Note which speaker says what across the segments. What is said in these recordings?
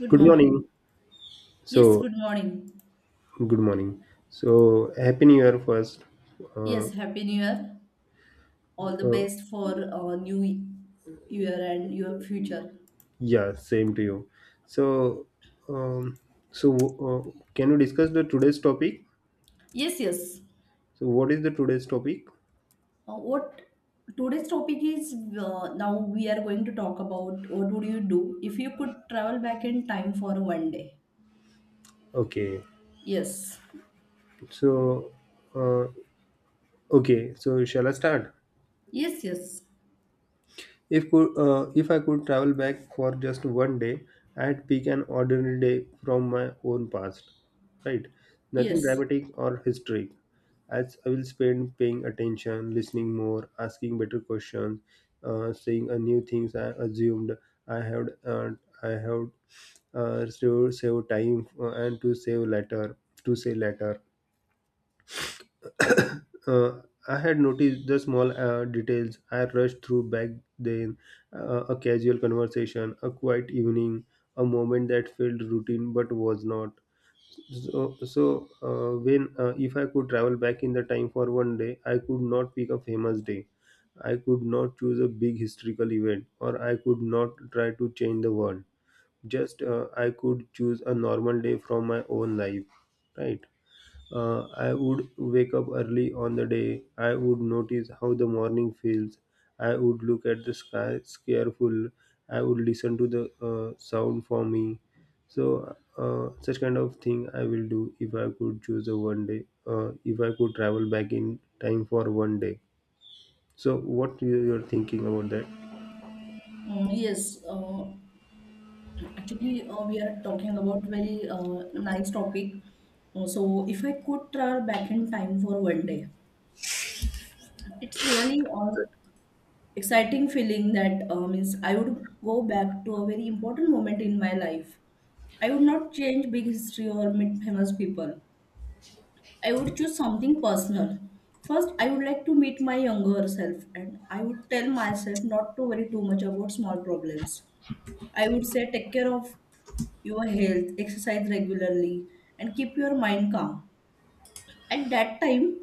Speaker 1: Good
Speaker 2: Good morning.
Speaker 1: morning. Yes,
Speaker 2: So,
Speaker 1: good morning.
Speaker 2: good morning. So, happy new year first. Uh,
Speaker 1: Yes, Happy New Year. All the
Speaker 2: uh,
Speaker 1: best for new year and your future.
Speaker 2: yeah, same to you. So, um, so can we discuss the today's topic?
Speaker 1: Yes, yes.
Speaker 2: So, what is the today's topic?
Speaker 1: What today's topic is now we are going to talk about what would you do if you could travel back in time for 1 day?
Speaker 2: Okay.
Speaker 1: Yes.
Speaker 2: So, uh, okay. So, shall I start?
Speaker 1: Yes, yes.
Speaker 2: If I could travel back for just one day, I'd pick an ordinary day from my own past, right? Nothing
Speaker 1: Yes.
Speaker 2: dramatic or historic. As I will spend paying attention, listening more, asking better questions, seeing new things I assumed I had uh, I had save, save time and to save later to say later uh, I had noticed the small details. I rushed through back then, a casual conversation, a quiet evening, a moment that felt routine but was not. So, so when if I could travel back in the time for one day, I could not pick a famous day. I could not choose a big historical event, or I could not try to change the world. Just I could choose a normal day from my own life, right? I would wake up early on the day. I would notice how the morning feels. I would look at the sky careful. I would listen to the sound for me. So, such kind of thing I will do if I could choose a one day, if I could travel back in time for one day. So, you're thinking about that?
Speaker 1: Uh, yes. Uh, actually, we are talking about very nice topic. So, if I could travel back in time for 1 day, it's really exciting feeling that means I would go back to a very important moment in my life. I would not change big history or meet famous people. I would choose something personal. First, I would like to meet my younger self and I would tell myself not to worry too much about small problems. I would say take care of your health, exercise regularly, and keep your mind calm. At that time,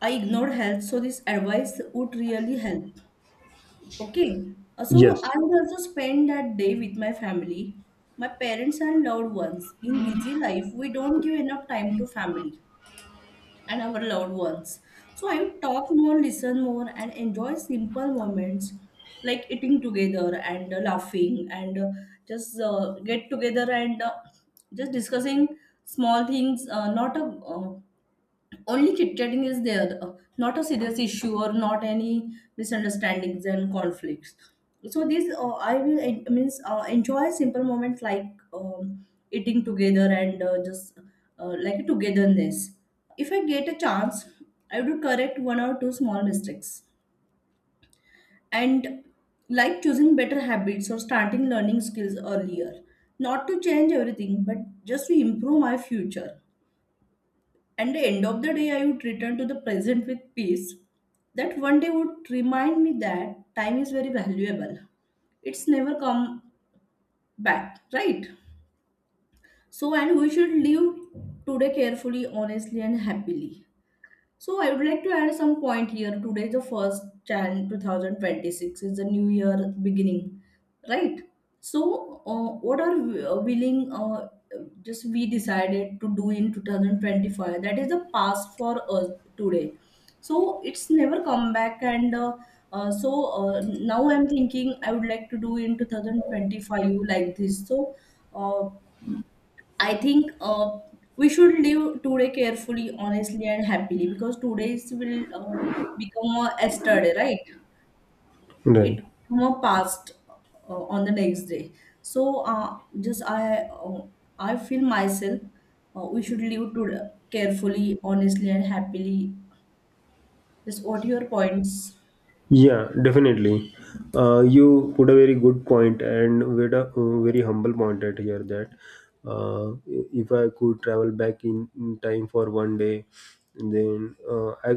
Speaker 1: I ignored health, so this advice would really help. Okay, so I
Speaker 2: Yes.
Speaker 1: would also spend that day with my family, my parents and loved ones. In busy life, we don't give enough time to family and our loved ones. So I would talk more, listen more, and enjoy simple moments like eating together and laughing, and just get together, and just discussing small things, not a only chit-chatting is there, not a serious issue or not any misunderstandings and conflicts. So these I will en- means enjoy simple moments like eating together and just like a togetherness. If I get a chance, I would correct one or two small mistakes, and like choosing better habits or starting learning skills earlier, not to change everything but just to improve my future. And the end of the day, I would return to the present with peace. That 1 day would remind me that time is very valuable. It's never come back, right? So, and we should live today carefully, honestly, and happily. So I would like to add some point here. Today, the first Jan 2026 is a new year beginning, right? So what are we, willing? Just we decided to do in 2025, that is the past for us today, so it's never come back. And now I'm thinking I would like to do in 2025 like this. So uh, I think we should live today carefully, honestly, and happily, because today's will become a yesterday, right?
Speaker 2: Right.
Speaker 1: It become a past on the next day. So, I feel myself, we should live today carefully, honestly, and happily. Just what are your points?
Speaker 2: Yeah, definitely. You put a very good point and with a very humble point at here that if I could travel back in time for one day, then uh, I,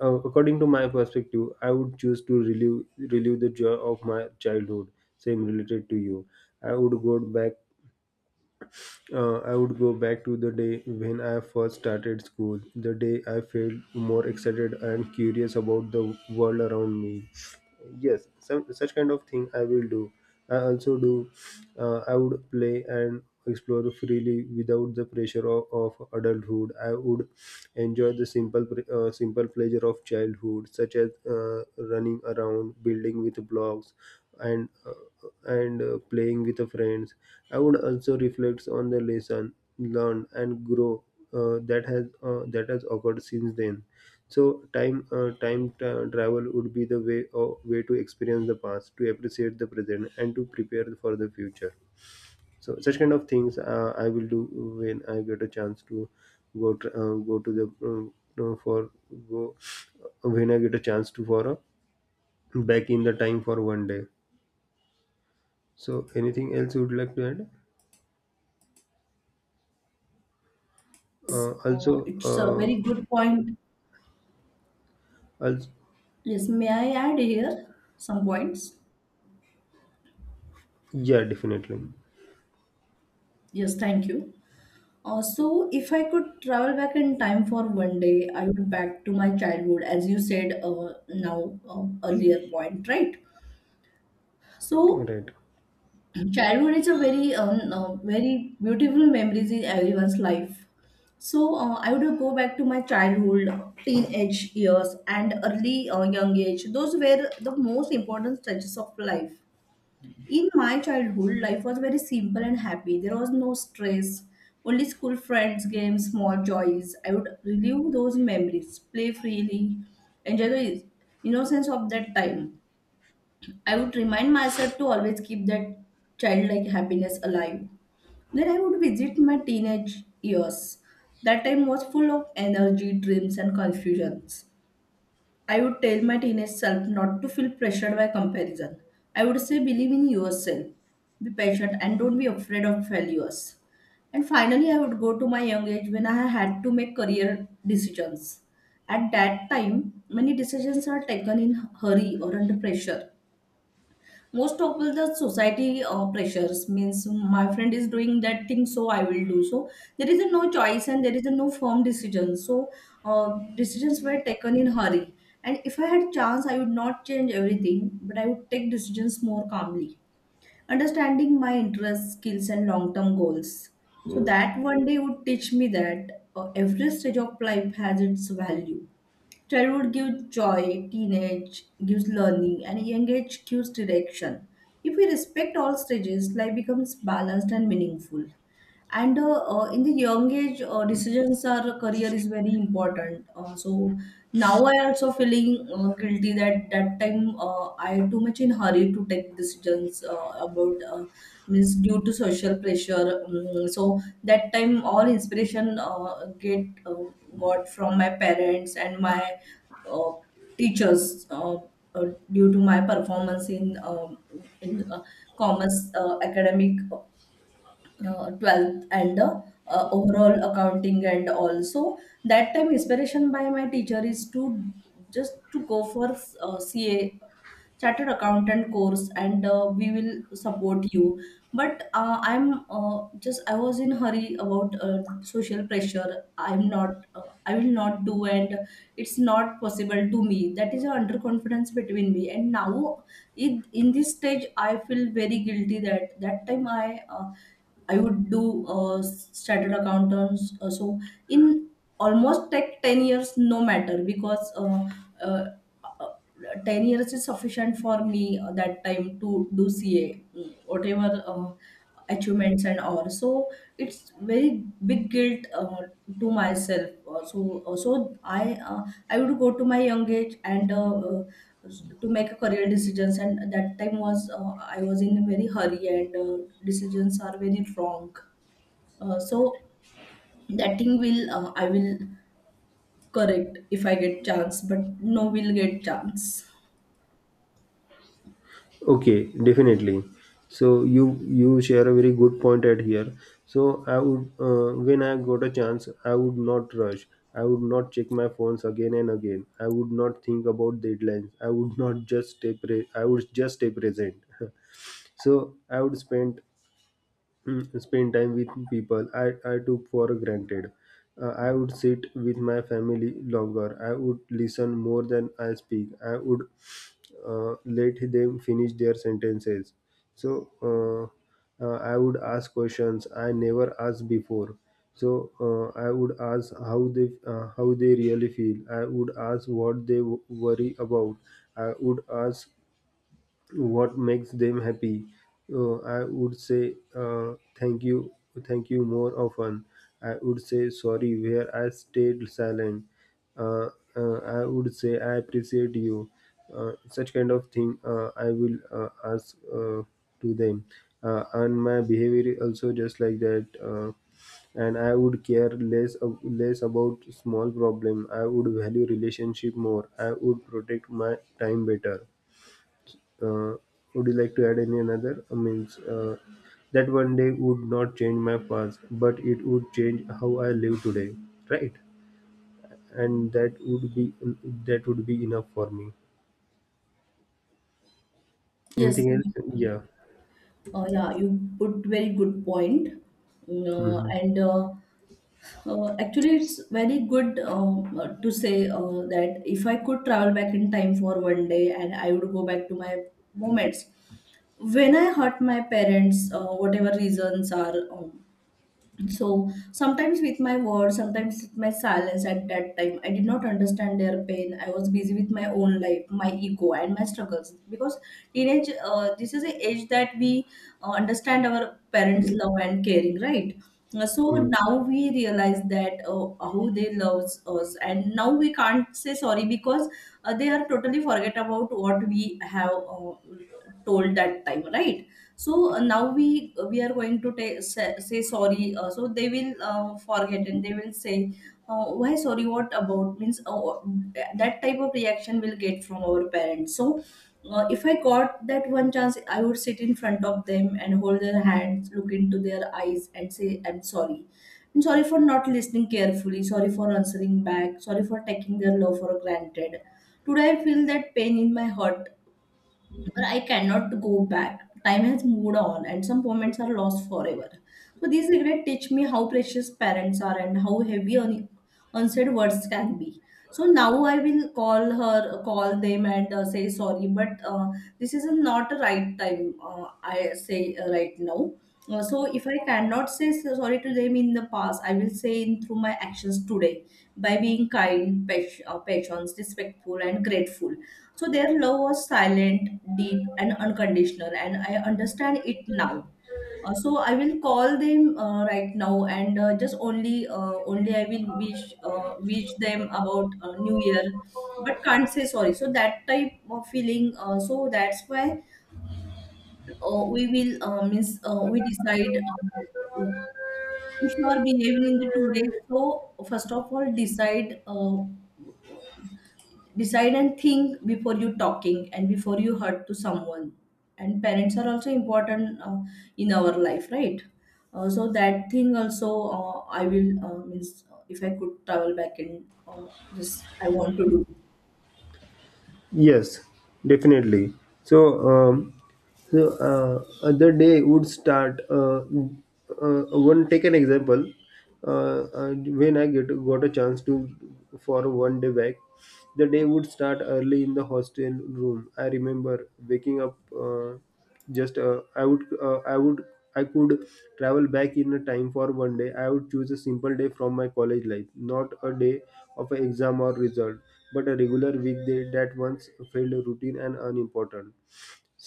Speaker 2: according to my perspective, I would choose to relive the joy of my childhood. Same related to you. I would go back I would go back to the day when I first started school, the day I felt more excited and curious about the world around me. Yes, such kind of thing I will do. I also do, I would play and explore freely without the pressure of adulthood. I would enjoy the simple pleasure of childhood, such as running around, building with blocks, and uh, and playing with the friends. I would also reflect on the lesson learned and grow that has occurred since then. So travel would be the way to experience the past, to appreciate the present, and to prepare for the future. So such kind of things I will do when I get a chance to go tr go to the you know, for go when I get a chance to for a back in the time for one day. So anything else you would like to add?
Speaker 1: Yes,
Speaker 2: Uh, also,
Speaker 1: It's a very
Speaker 2: uh,
Speaker 1: good point.
Speaker 2: also,
Speaker 1: Yes, may I add here some points?
Speaker 2: yeah, definitely.
Speaker 1: Yes, thank you. So, if I could travel back in time for 1 day, I would back to my childhood, as you said now earlier point, right? So,
Speaker 2: Right.
Speaker 1: childhood is a very very beautiful memories in everyone's life. So, I would go back to my childhood, teenage years, and early young age. Those were the most important stages of life. In my childhood, life was very simple and happy. There was no stress, only school friends, games, small joys. I would relive those memories, play freely, enjoy the innocence of that time. I would remind myself to always keep that childlike happiness alive. Then I would visit my teenage years. That time was full of energy, dreams, and confusions. I would tell my teenage self not to feel pressured by comparison. I would say believe in yourself, be patient, and don't be afraid of failures. And finally, I would go to my young age when I had to make career decisions. At that time, many decisions are taken in hurry or under pressure. Most of the society pressures means my friend is doing that thing, so I will do. So there is a no choice and there is a no firm decision. So decisions were taken in hurry, and if I had chance, I would not change everything, but I would take decisions more calmly, understanding my interests, skills, and long term goals. So that 1 day would teach me that every stage of life has its value. Childhood gives joy, teenage gives learning, and young age gives direction. If we respect all stages, life becomes balanced and meaningful. And in the young age, decisions or career is very important. So now I also feeling guilty that that time I too much in hurry to take decisions about means due to social pressure. So that time all inspiration get got from my parents and my uh, teachers, uh, due to my performance in in uh, commerce, academic 12th and overall accounting. And also that time inspiration by my teacher is to just to go for ca chartered accountant course, and we will support you. But I'm just I was in hurry about social pressure. I will not do and it's not possible to me. That is a underconfidence between me and now in this stage I feel very guilty that that time I would do chartered accountants. So in almost like 10 years, no matter, because uh, uh, 10 years is sufficient for me that time to do CA, mm, whatever achievements and all. So it's very big guilt to myself. I would go to my young age and to make a career decisions, and that time was, I was in a very hurry, and decisions are very wrong. So that thing will, I will correct if I get chance, but no will get chance.
Speaker 2: Okay, definitely. So you share a very good point at here. So I would when I got a chance, I would not rush. I would not check my phones again and again. I would not think about deadlines. I would not just stay. I would just stay present. So I would spend spend time with people I took for granted. I would sit with my family longer. I would listen more than I speak. I would let them finish their sentences. So uh, I would ask questions I never asked before. I would ask how they really feel. I would ask worry about. I would ask what makes them happy. I would say Thank you, thank you more often. I would say sorry where I stayed silent. uh, I would say I appreciate you. Uh, such kind of thing I will ask To them. And my behavior also just like that. And I would care less less about small problem. I would value relationship more. I would protect my time better. uh, would you like to add any another? I means That one day would not change my past, but it would change how I live today, right? And that would be enough for me.
Speaker 1: Yes,
Speaker 2: Anything else? Yeah.
Speaker 1: yeah, you put very good point. Mm,
Speaker 2: Hmm.
Speaker 1: and actually, it's very good, to say that if I could travel back in time for 1 day, and I would go back to my moments, when I hurt my parents, whatever reasons are. So sometimes with my words, sometimes with my silence at that time, I did not understand their pain. I was busy with my own life, my ego, and my struggles. Because teenage, this is the age that we understand our parents' love and caring, right? So now we realize that how they loves us, and now we can't say sorry, because they are totally forget about what we have told that time, right? So now we are going to say, say sorry, so they will forget and they will say, why sorry, what about, means that type of reaction will get from our parents. So if I got that one chance, I would sit in front of them and hold their hands, look into their eyes, and say I'm sorry. I'm sorry for not listening carefully, sorry for answering back, sorry for taking their love for granted. Today I feel that pain in my heart, but I cannot go back. Time has moved on, and some moments are lost forever. So these regrets teach me how precious parents are and how heavy unsaid words can be. So now I will call her, call them, and say sorry. But this is not a right time, I say right now. So if I cannot say sorry to them in the past, I will say in through my actions today by being kind, patient, patient, respectful, and grateful. So their love was silent, deep, and unconditional, and I understand it now. So I will call them right now, and only I will wish, wish them about New Year, but can't say sorry. So that type of feeling. So that's why we will means we decide. If you are behaving in the 2 days, so first of all decide, decide and think before you talking and before you hurt to someone. And parents are also important in our life, right? So that thing also, I will means if I could travel back in, just I want to do.
Speaker 2: Yes, definitely. So, um, other day would start. One take an example. When I get got a chance to for one day back, the day would start early in the hostel room. I remember waking up. Just I would I would I could travel back in a time for one day, I would choose a simple day from my college life, not a day of an exam or result, but a regular weekday that once felt routine and unimportant.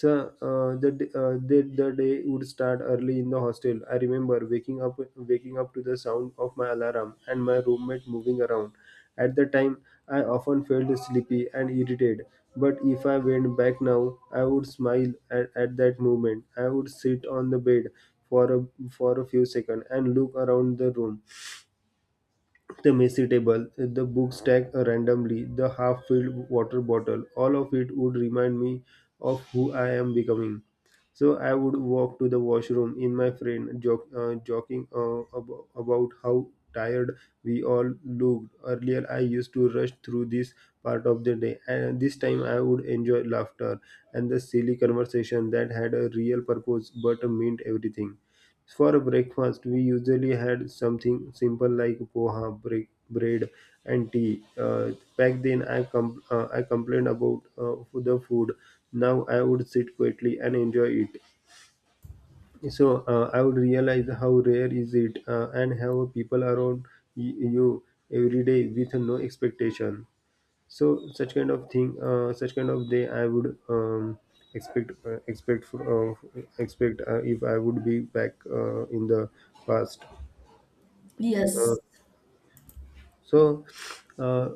Speaker 2: So the d- the day would start early in the hostel. I remember waking up to the sound of my alarm and my roommate moving around. At the time, I often felt sleepy and irritated. But if I went back now, I would smile at that moment. I would sit on the bed for a for a few seconds and look around the room, the messy table, the book stacked randomly, the half filled water bottle, all of it would remind me of who I am becoming. So I would walk to the washroom in my friend, joking about how tired we all looked. Earlier, I used to rush through this part of the day, and this time I would enjoy laughter and the silly conversation that had a real purpose but meant everything. For breakfast, we usually had something simple like poha, break, bread, and tea. Back then, I complained about the food. Now I would sit quietly and enjoy it. I would realize how rare is it, and have people around you every day with no expectation. So such kind of thing, such kind of day, I would expect uh, expect uh, expect if I would be back in the past. Uh,
Speaker 1: Yes,
Speaker 2: so uh,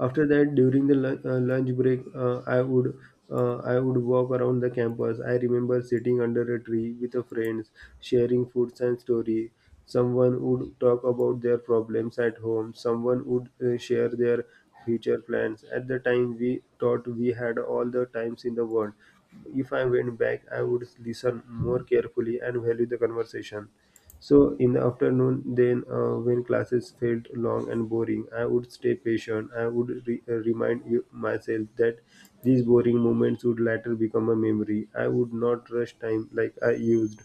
Speaker 2: after that, during the lunch break, I would walk around the campus. I remember sitting under a tree with a friends, sharing foods and story. Someone would talk about their problems at home. Someone would share their future plans. At the time, we thought we had all the times in the world. If I went back, I would listen more carefully and value the conversation. So in the afternoon, then when classes felt long and boring, I would stay patient. I would remind myself that these boring moments would later become a memory. I would not rush time like I used.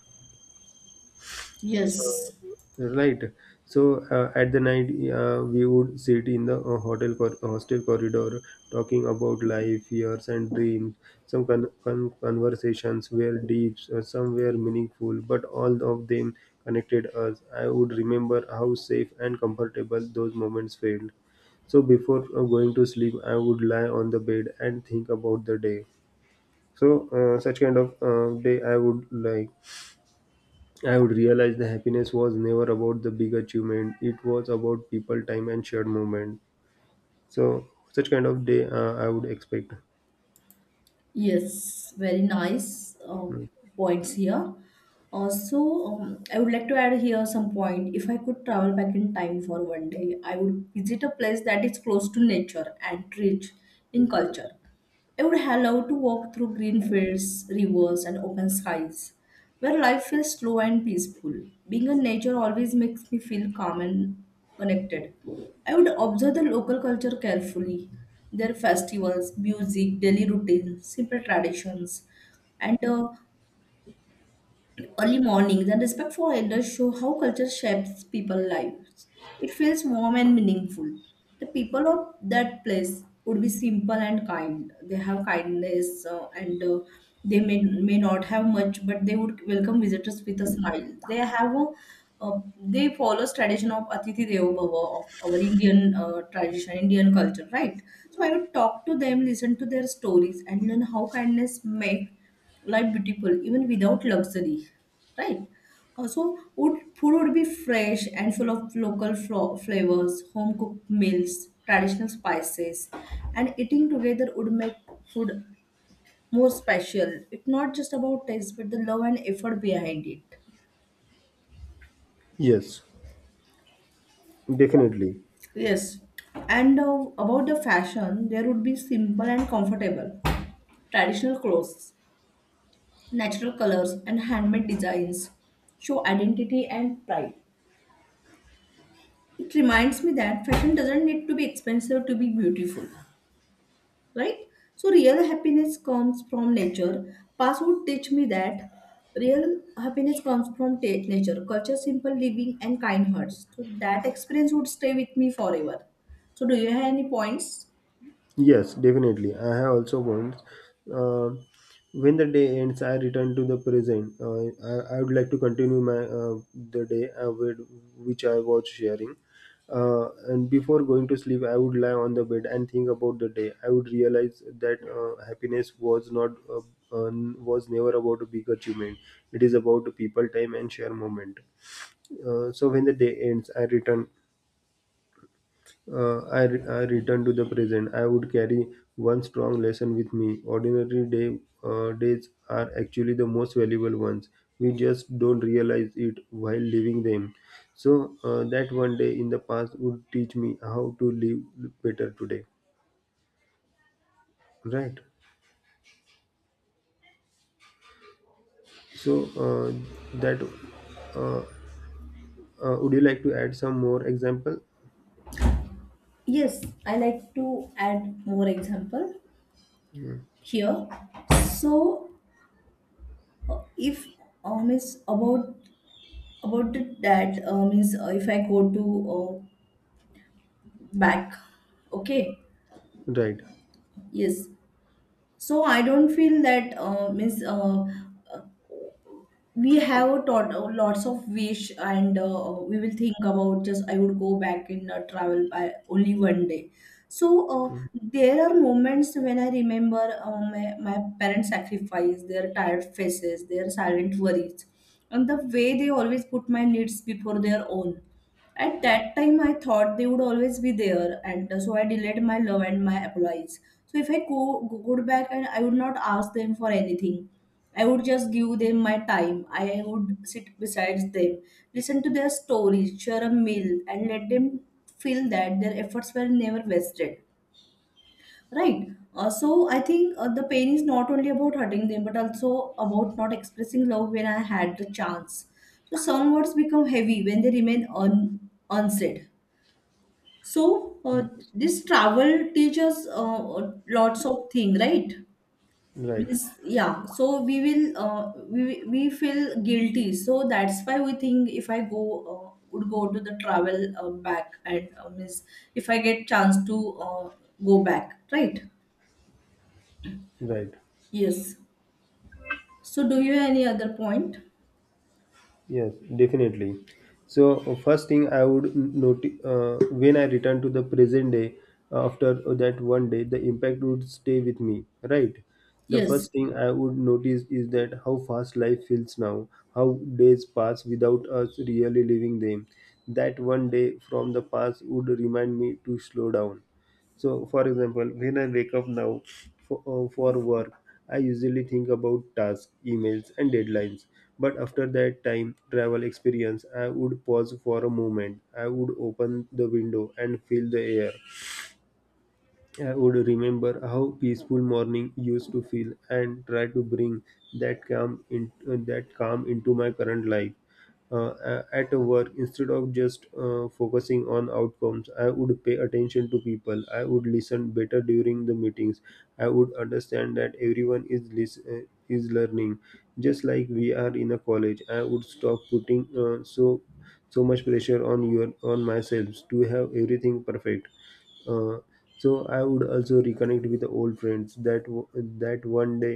Speaker 1: yes.
Speaker 2: Right. So at the night, we would sit in the hostel corridor, talking about life, fears, and dreams. Some conversations were deep, some were meaningful, but all of them connected us. I would remember how safe and comfortable those moments felt. So before going to sleep, I would lie on the bed and think about the day. So such kind of day I would like. I would realize the happiness was never about the big achievement. It was about people, time, and shared moment. So, such kind of day I would expect.
Speaker 1: Yes, very nice points here. Also, I would like to add here some point. If I could travel back in time for 1 day, I would visit a place that is close to nature and rich in culture. I would allow to walk through green fields, rivers, and open skies, where life feels slow and peaceful. Being in nature always makes me feel calm and connected. I would observe the local culture carefully, their festivals, music, daily routines, simple traditions, and early mornings and respect for elders show how culture shapes people's lives. It feels warm and meaningful. The people of that place would be simple and kind. They have kindness and they may not have much, but they would welcome visitors with a smile. They have a they follow tradition of Atithi Devo Bhava of our Indian tradition, Indian culture, right? So I would talk to them, listen to their stories, and learn how kindness make life beautiful even without luxury, right? Also, would food would be fresh and full of local flavors, home cooked meals, traditional spices, and eating together would make food more special. It's not just about taste but the love and effort behind it.
Speaker 2: Yes, definitely.
Speaker 1: Yes, and about the fashion, there would be simple and comfortable traditional clothes, natural colors and handmade designs show identity and pride. It reminds me that fashion doesn't need to be expensive to be beautiful, right? So real happiness comes from nature. Past would teach me that real happiness comes from nature, culture, simple living, and kind hearts. So that experience would stay with me forever. So do you have any points?
Speaker 2: Yes, definitely. I have also once. Um when the day ends, I return to the present. I would like to continue my the day which I was sharing. And before going to sleep, I would lie on the bed and think about the day. I would realize that happiness was not was never about a big achievement. It is about people, time, and share moment. When the day ends, I return to the present. I would carry one strong lesson with me. Ordinary day days are actually the most valuable ones. We just don't realize it while living them. That one day in the past would teach me how to live better today. Right. So that uh, would you like to add some more example?
Speaker 1: Yes, I like to add more example
Speaker 2: Mm.
Speaker 1: here. So if means about that means if I go to back, okay,
Speaker 2: Right.
Speaker 1: yes, so I don't feel that means uh, we have taught lots of wish and we will think about, just I would go back in travel by only one day. So there are moments when I remember my parents sacrifice, their tired faces, their silent worries, and the way they always put my needs before their own. At that time, I thought they would always be there, and so I delayed my love and my apologies. So if I go, go back, and I would not ask them for anything, I would just give them my time. I would sit beside them, listen to their stories, share a meal, and let them feel that their efforts were never wasted. Right. So I think the pain is not only about hurting them, but also about not expressing love when I had the chance. So some words become heavy when they remain unsaid. So
Speaker 2: Yes.
Speaker 1: this travel teaches lots of things, right?
Speaker 2: Right.
Speaker 1: Means yeah. So we will we feel guilty. So that's why we think, if I go would go to the travel back, and means if I get chance to go back, right?
Speaker 2: Right.
Speaker 1: Yes. So, do you have any other point?
Speaker 2: Yes, definitely. So first thing I would notice when I return to the present day after that one day, the impact would stay with me, right? The
Speaker 1: Yes,
Speaker 2: first thing I would notice is that how fast life feels now, how days pass without us really living them. That one day from the past would remind me to slow down. So, for example, when I wake up now for work, I usually think about tasks, emails, and deadlines. But after that time travel experience, I would pause for a moment. I would open the window and feel the air. I would remember how peaceful morning used to feel and try to bring that calm that calm into my current life. At work, instead of just focusing on outcomes, I would pay attention to people. I would listen better during the meetings. I would understand that everyone is learning, just like we are in a college. I would stop putting so much pressure on your on myself to have everything perfect uh, so I would also reconnect with the old friends that one day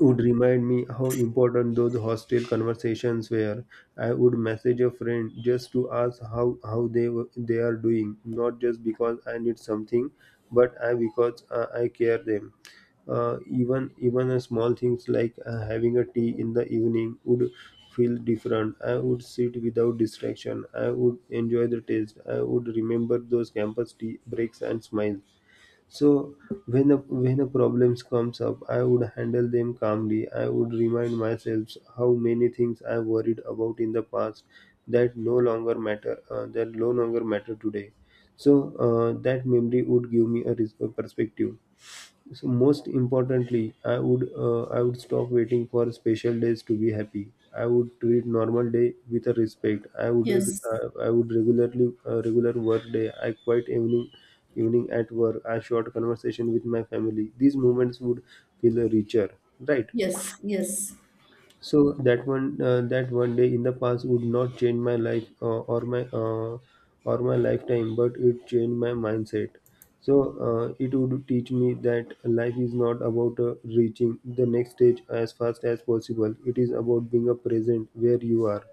Speaker 2: would remind me how important those hostel conversations were. I would message a friend just to ask how they are doing, not just because I need something, but I because I care them. Even a small things like having a tea in the evening would feel different. I would sit without distraction. I would enjoy the taste. I would remember those campus tea breaks and smiles. So when a problems comes up, I would handle them calmly. I would remind myself how many things I worried about in the past that no longer matter that no longer matter today. So that memory would give me a perspective. So most importantly, I would stop waiting for special days to be happy. I would treat normal day with a respect.
Speaker 1: yes,
Speaker 2: I would regularly regular work day. I quiet evening at work. I short conversation with my family. These moments would feel richer, right?
Speaker 1: yes, yes,
Speaker 2: So that one day in the past would not change my life or my lifetime, but it changed my mindset. So it would teach me that life is not about reaching the next stage as fast as possible. It is about being a present where you are.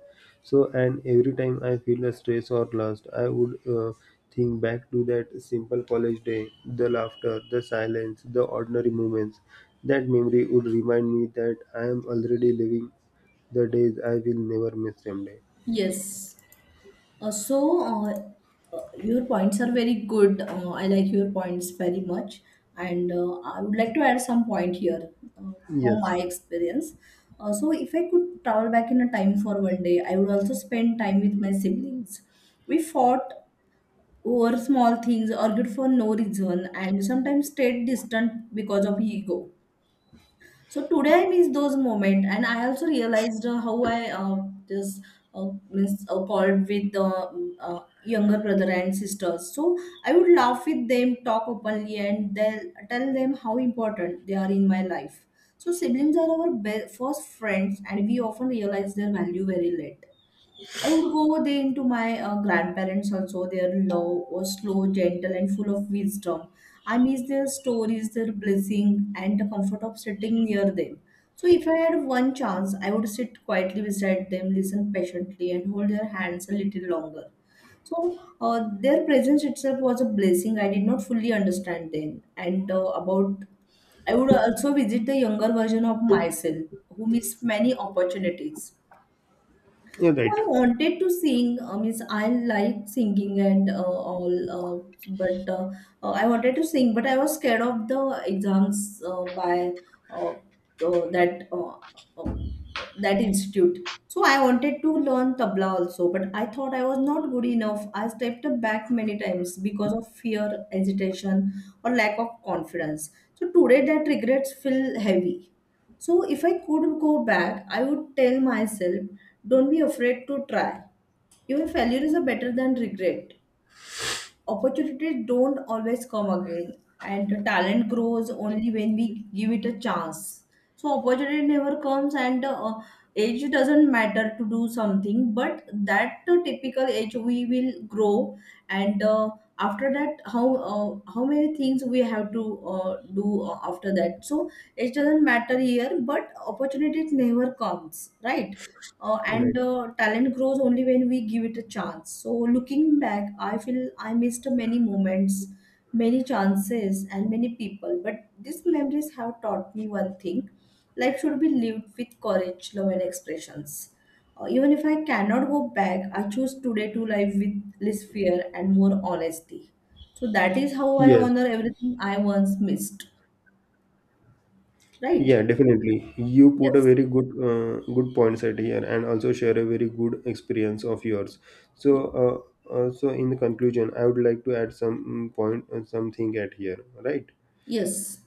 Speaker 2: So, and every time I feel stressed or lost, I would think back to that simple college day, the laughter, the silence, the ordinary moments. That memory would remind me that I am already living the days I will never miss someday.
Speaker 1: yes. Your points are very good. I like your points very much, and I would like to add some point here, uh, from
Speaker 2: Yes,
Speaker 1: my experience. If I could travel back in a time for one day, I would also spend time with my siblings. We fought over small things, argued for no reason, and sometimes stayed distant because of ego. So today I miss those moments, and I also realized how I just means called with the younger brother and sisters. So I would laugh with them, talk openly, and tell them how important they are in my life. So siblings are our first friends, and we often realize their value very late. I would go there into my grandparents also. Their love was slow, gentle, and full of wisdom. I miss their stories, their blessing, and the comfort of sitting near them. So, if I had one chance, I would sit quietly beside them, listen patiently, and hold their hands a little longer. So, their presence itself was a blessing I did not fully understand then. And I would also visit the younger version of myself who missed many opportunities.
Speaker 2: you're
Speaker 1: So
Speaker 2: right.
Speaker 1: I wanted to sing. I means I like singing and all, but I wanted to sing, but I was scared of the exams by uh, the, that uh, that institute. So I wanted to learn tabla also, but I thought I was not good enough. I stepped back many times because of fear, hesitation, or lack of confidence. So today that regrets feel heavy. So if I could go back, I would tell myself, don't be afraid to try. Even failure is a better than regret. Opportunities don't always come again, and the talent grows only when we give it a chance. So opportunity never comes, and age doesn't matter to do something, but that typical age we will grow, and after that, how many things we have to do after that. So it doesn't matter here, but opportunities never comes, right? And
Speaker 2: Right.
Speaker 1: Talent grows only when we give it a chance. So looking back, I feel I missed many moments, many chances, and many people, but these memories have taught me one thing. Life should be lived with courage, love, and expressions. Even if I cannot go back, I choose today to live with less fear and more honesty, so that is how I
Speaker 2: Yes.
Speaker 1: honor everything I once missed, right?
Speaker 2: Yeah, definitely. You put a
Speaker 1: Yes.
Speaker 2: very good good points at here, and also share a very good experience of yours. So,
Speaker 1: Y-
Speaker 2: uh, uh, so in the conclusion, I would like to add some mm, point, something at here, right?
Speaker 1: yes,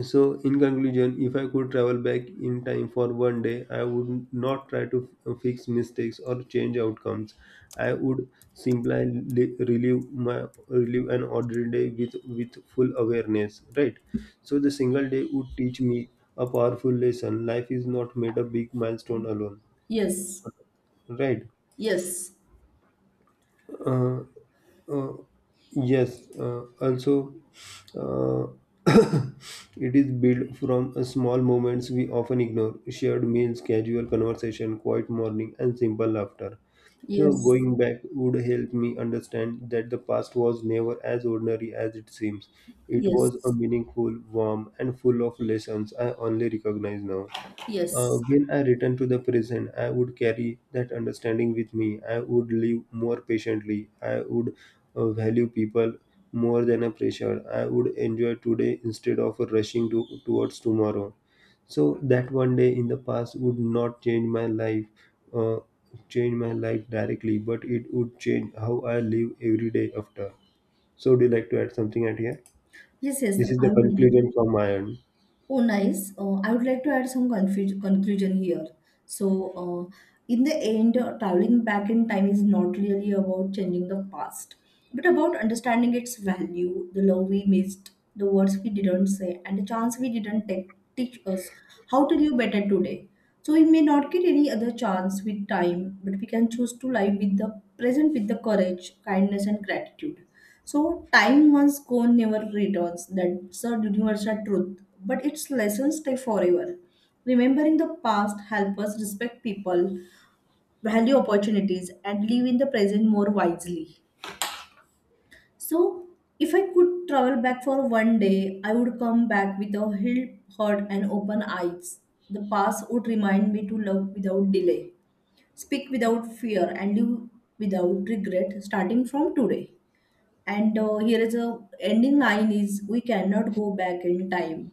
Speaker 2: So, in conclusion, if I could travel back in time for one day, I would not try to fix mistakes or change outcomes. I would simply li- relive my relive an ordinary day with full awareness. Right. So the single day would teach me a powerful lesson. Life is not made of big milestone alone.
Speaker 1: yes,
Speaker 2: Right.
Speaker 1: yes,
Speaker 2: Uh, Uh, yes, also uh, it is built from small moments we often ignore shared meals, casual conversation, quiet morning, and simple laughter. So,
Speaker 1: yes.
Speaker 2: going back would help me understand that the past was never as ordinary as it seems. It was a
Speaker 1: Yes,
Speaker 2: meaningful, warm, and full of lessons I only recognize now.
Speaker 1: yes,
Speaker 2: When I return to the present, I would carry that understanding with me. I would live more patiently. I would value people more than a pressure. I would enjoy today instead of rushing towards tomorrow. So that one day in the past would not change my uh, change my life directly, but it would change how I live every day after. So, do you like to add something at here?
Speaker 1: yes, yes.
Speaker 2: This is the
Speaker 1: I would.
Speaker 2: conclusion from my end.
Speaker 1: Oh, nice. I would like to add some conclusion here. So, uh, in the end, traveling back in time is not really about changing the past, but about understanding its value. The love we missed, the words we didn't say, and the chance we didn't take teach us how to live better today. So, we may not get any other chance with time, but we can choose to live with the present with the courage, kindness, and gratitude. So time once gone never returns. That's a universal truth. But its lessons stay forever. Remembering the past help us respect people, value opportunities, and live in the present more wisely. So if I could travel back for one day, I would come back with a healed heart and open eyes. The past would remind me to love without delay, speak without fear, and live without regret starting from today. And here is a ending line is, we cannot go back in time,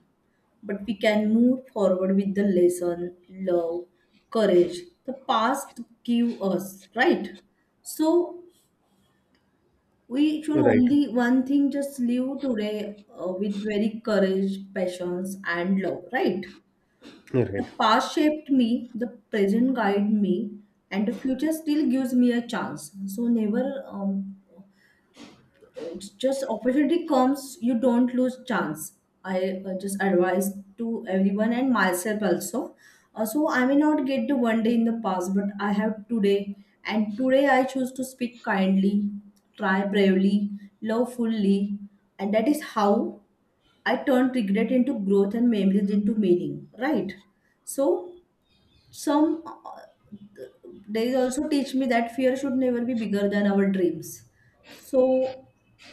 Speaker 1: but we can move forward with the lesson, love, courage the past give us, right? So we should
Speaker 2: Right.
Speaker 1: only one thing, just live today with very courage, passions, and love, right? The
Speaker 2: Right.
Speaker 1: past shaped me, the present guide me, and the future still gives me a chance. So never just opportunity comes, you don't lose chance. I Just advise to everyone and myself also. So I may not get the one day in the past, but I have today, and today I choose to speak kindly, try bravely, love fully, and that is how I turned regret into growth and memories into meaning, right? So some they also teach me that fear should never be bigger than our dreams. So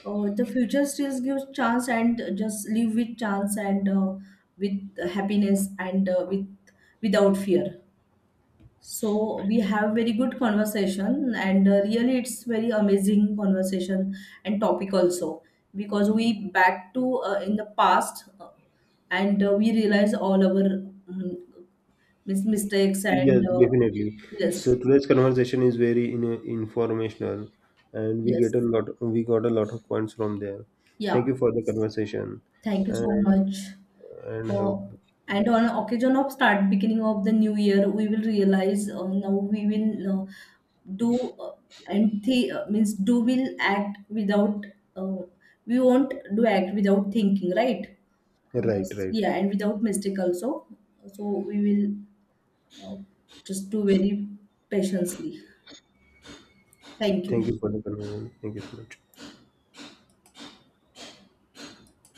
Speaker 1: the future still gives chance, and just live with chance and with happiness and with without fear. So we have very good conversation, and really it's very amazing conversation, and topic also, because we back to in the past, and we realize all our mistakes and
Speaker 2: Yes, definitely.
Speaker 1: yes,
Speaker 2: So today's conversation is very in, informational, and we get
Speaker 1: yes.
Speaker 2: a lot. We got a lot of points from there.
Speaker 1: Yeah.
Speaker 2: Thank you for the conversation,
Speaker 1: Thank you so
Speaker 2: and
Speaker 1: much.
Speaker 2: and have
Speaker 1: Uh, and on
Speaker 2: this.
Speaker 1: occasion of start beginning of the new year, we will realize now we will do and th means do will act without uh, we won't do act without thinking, right?
Speaker 2: Right, right.
Speaker 1: Yeah, and without mistake also. So we will uh, just do very patiently. Thank
Speaker 2: Thank
Speaker 1: you.
Speaker 2: you for the conversation. Thank you so much.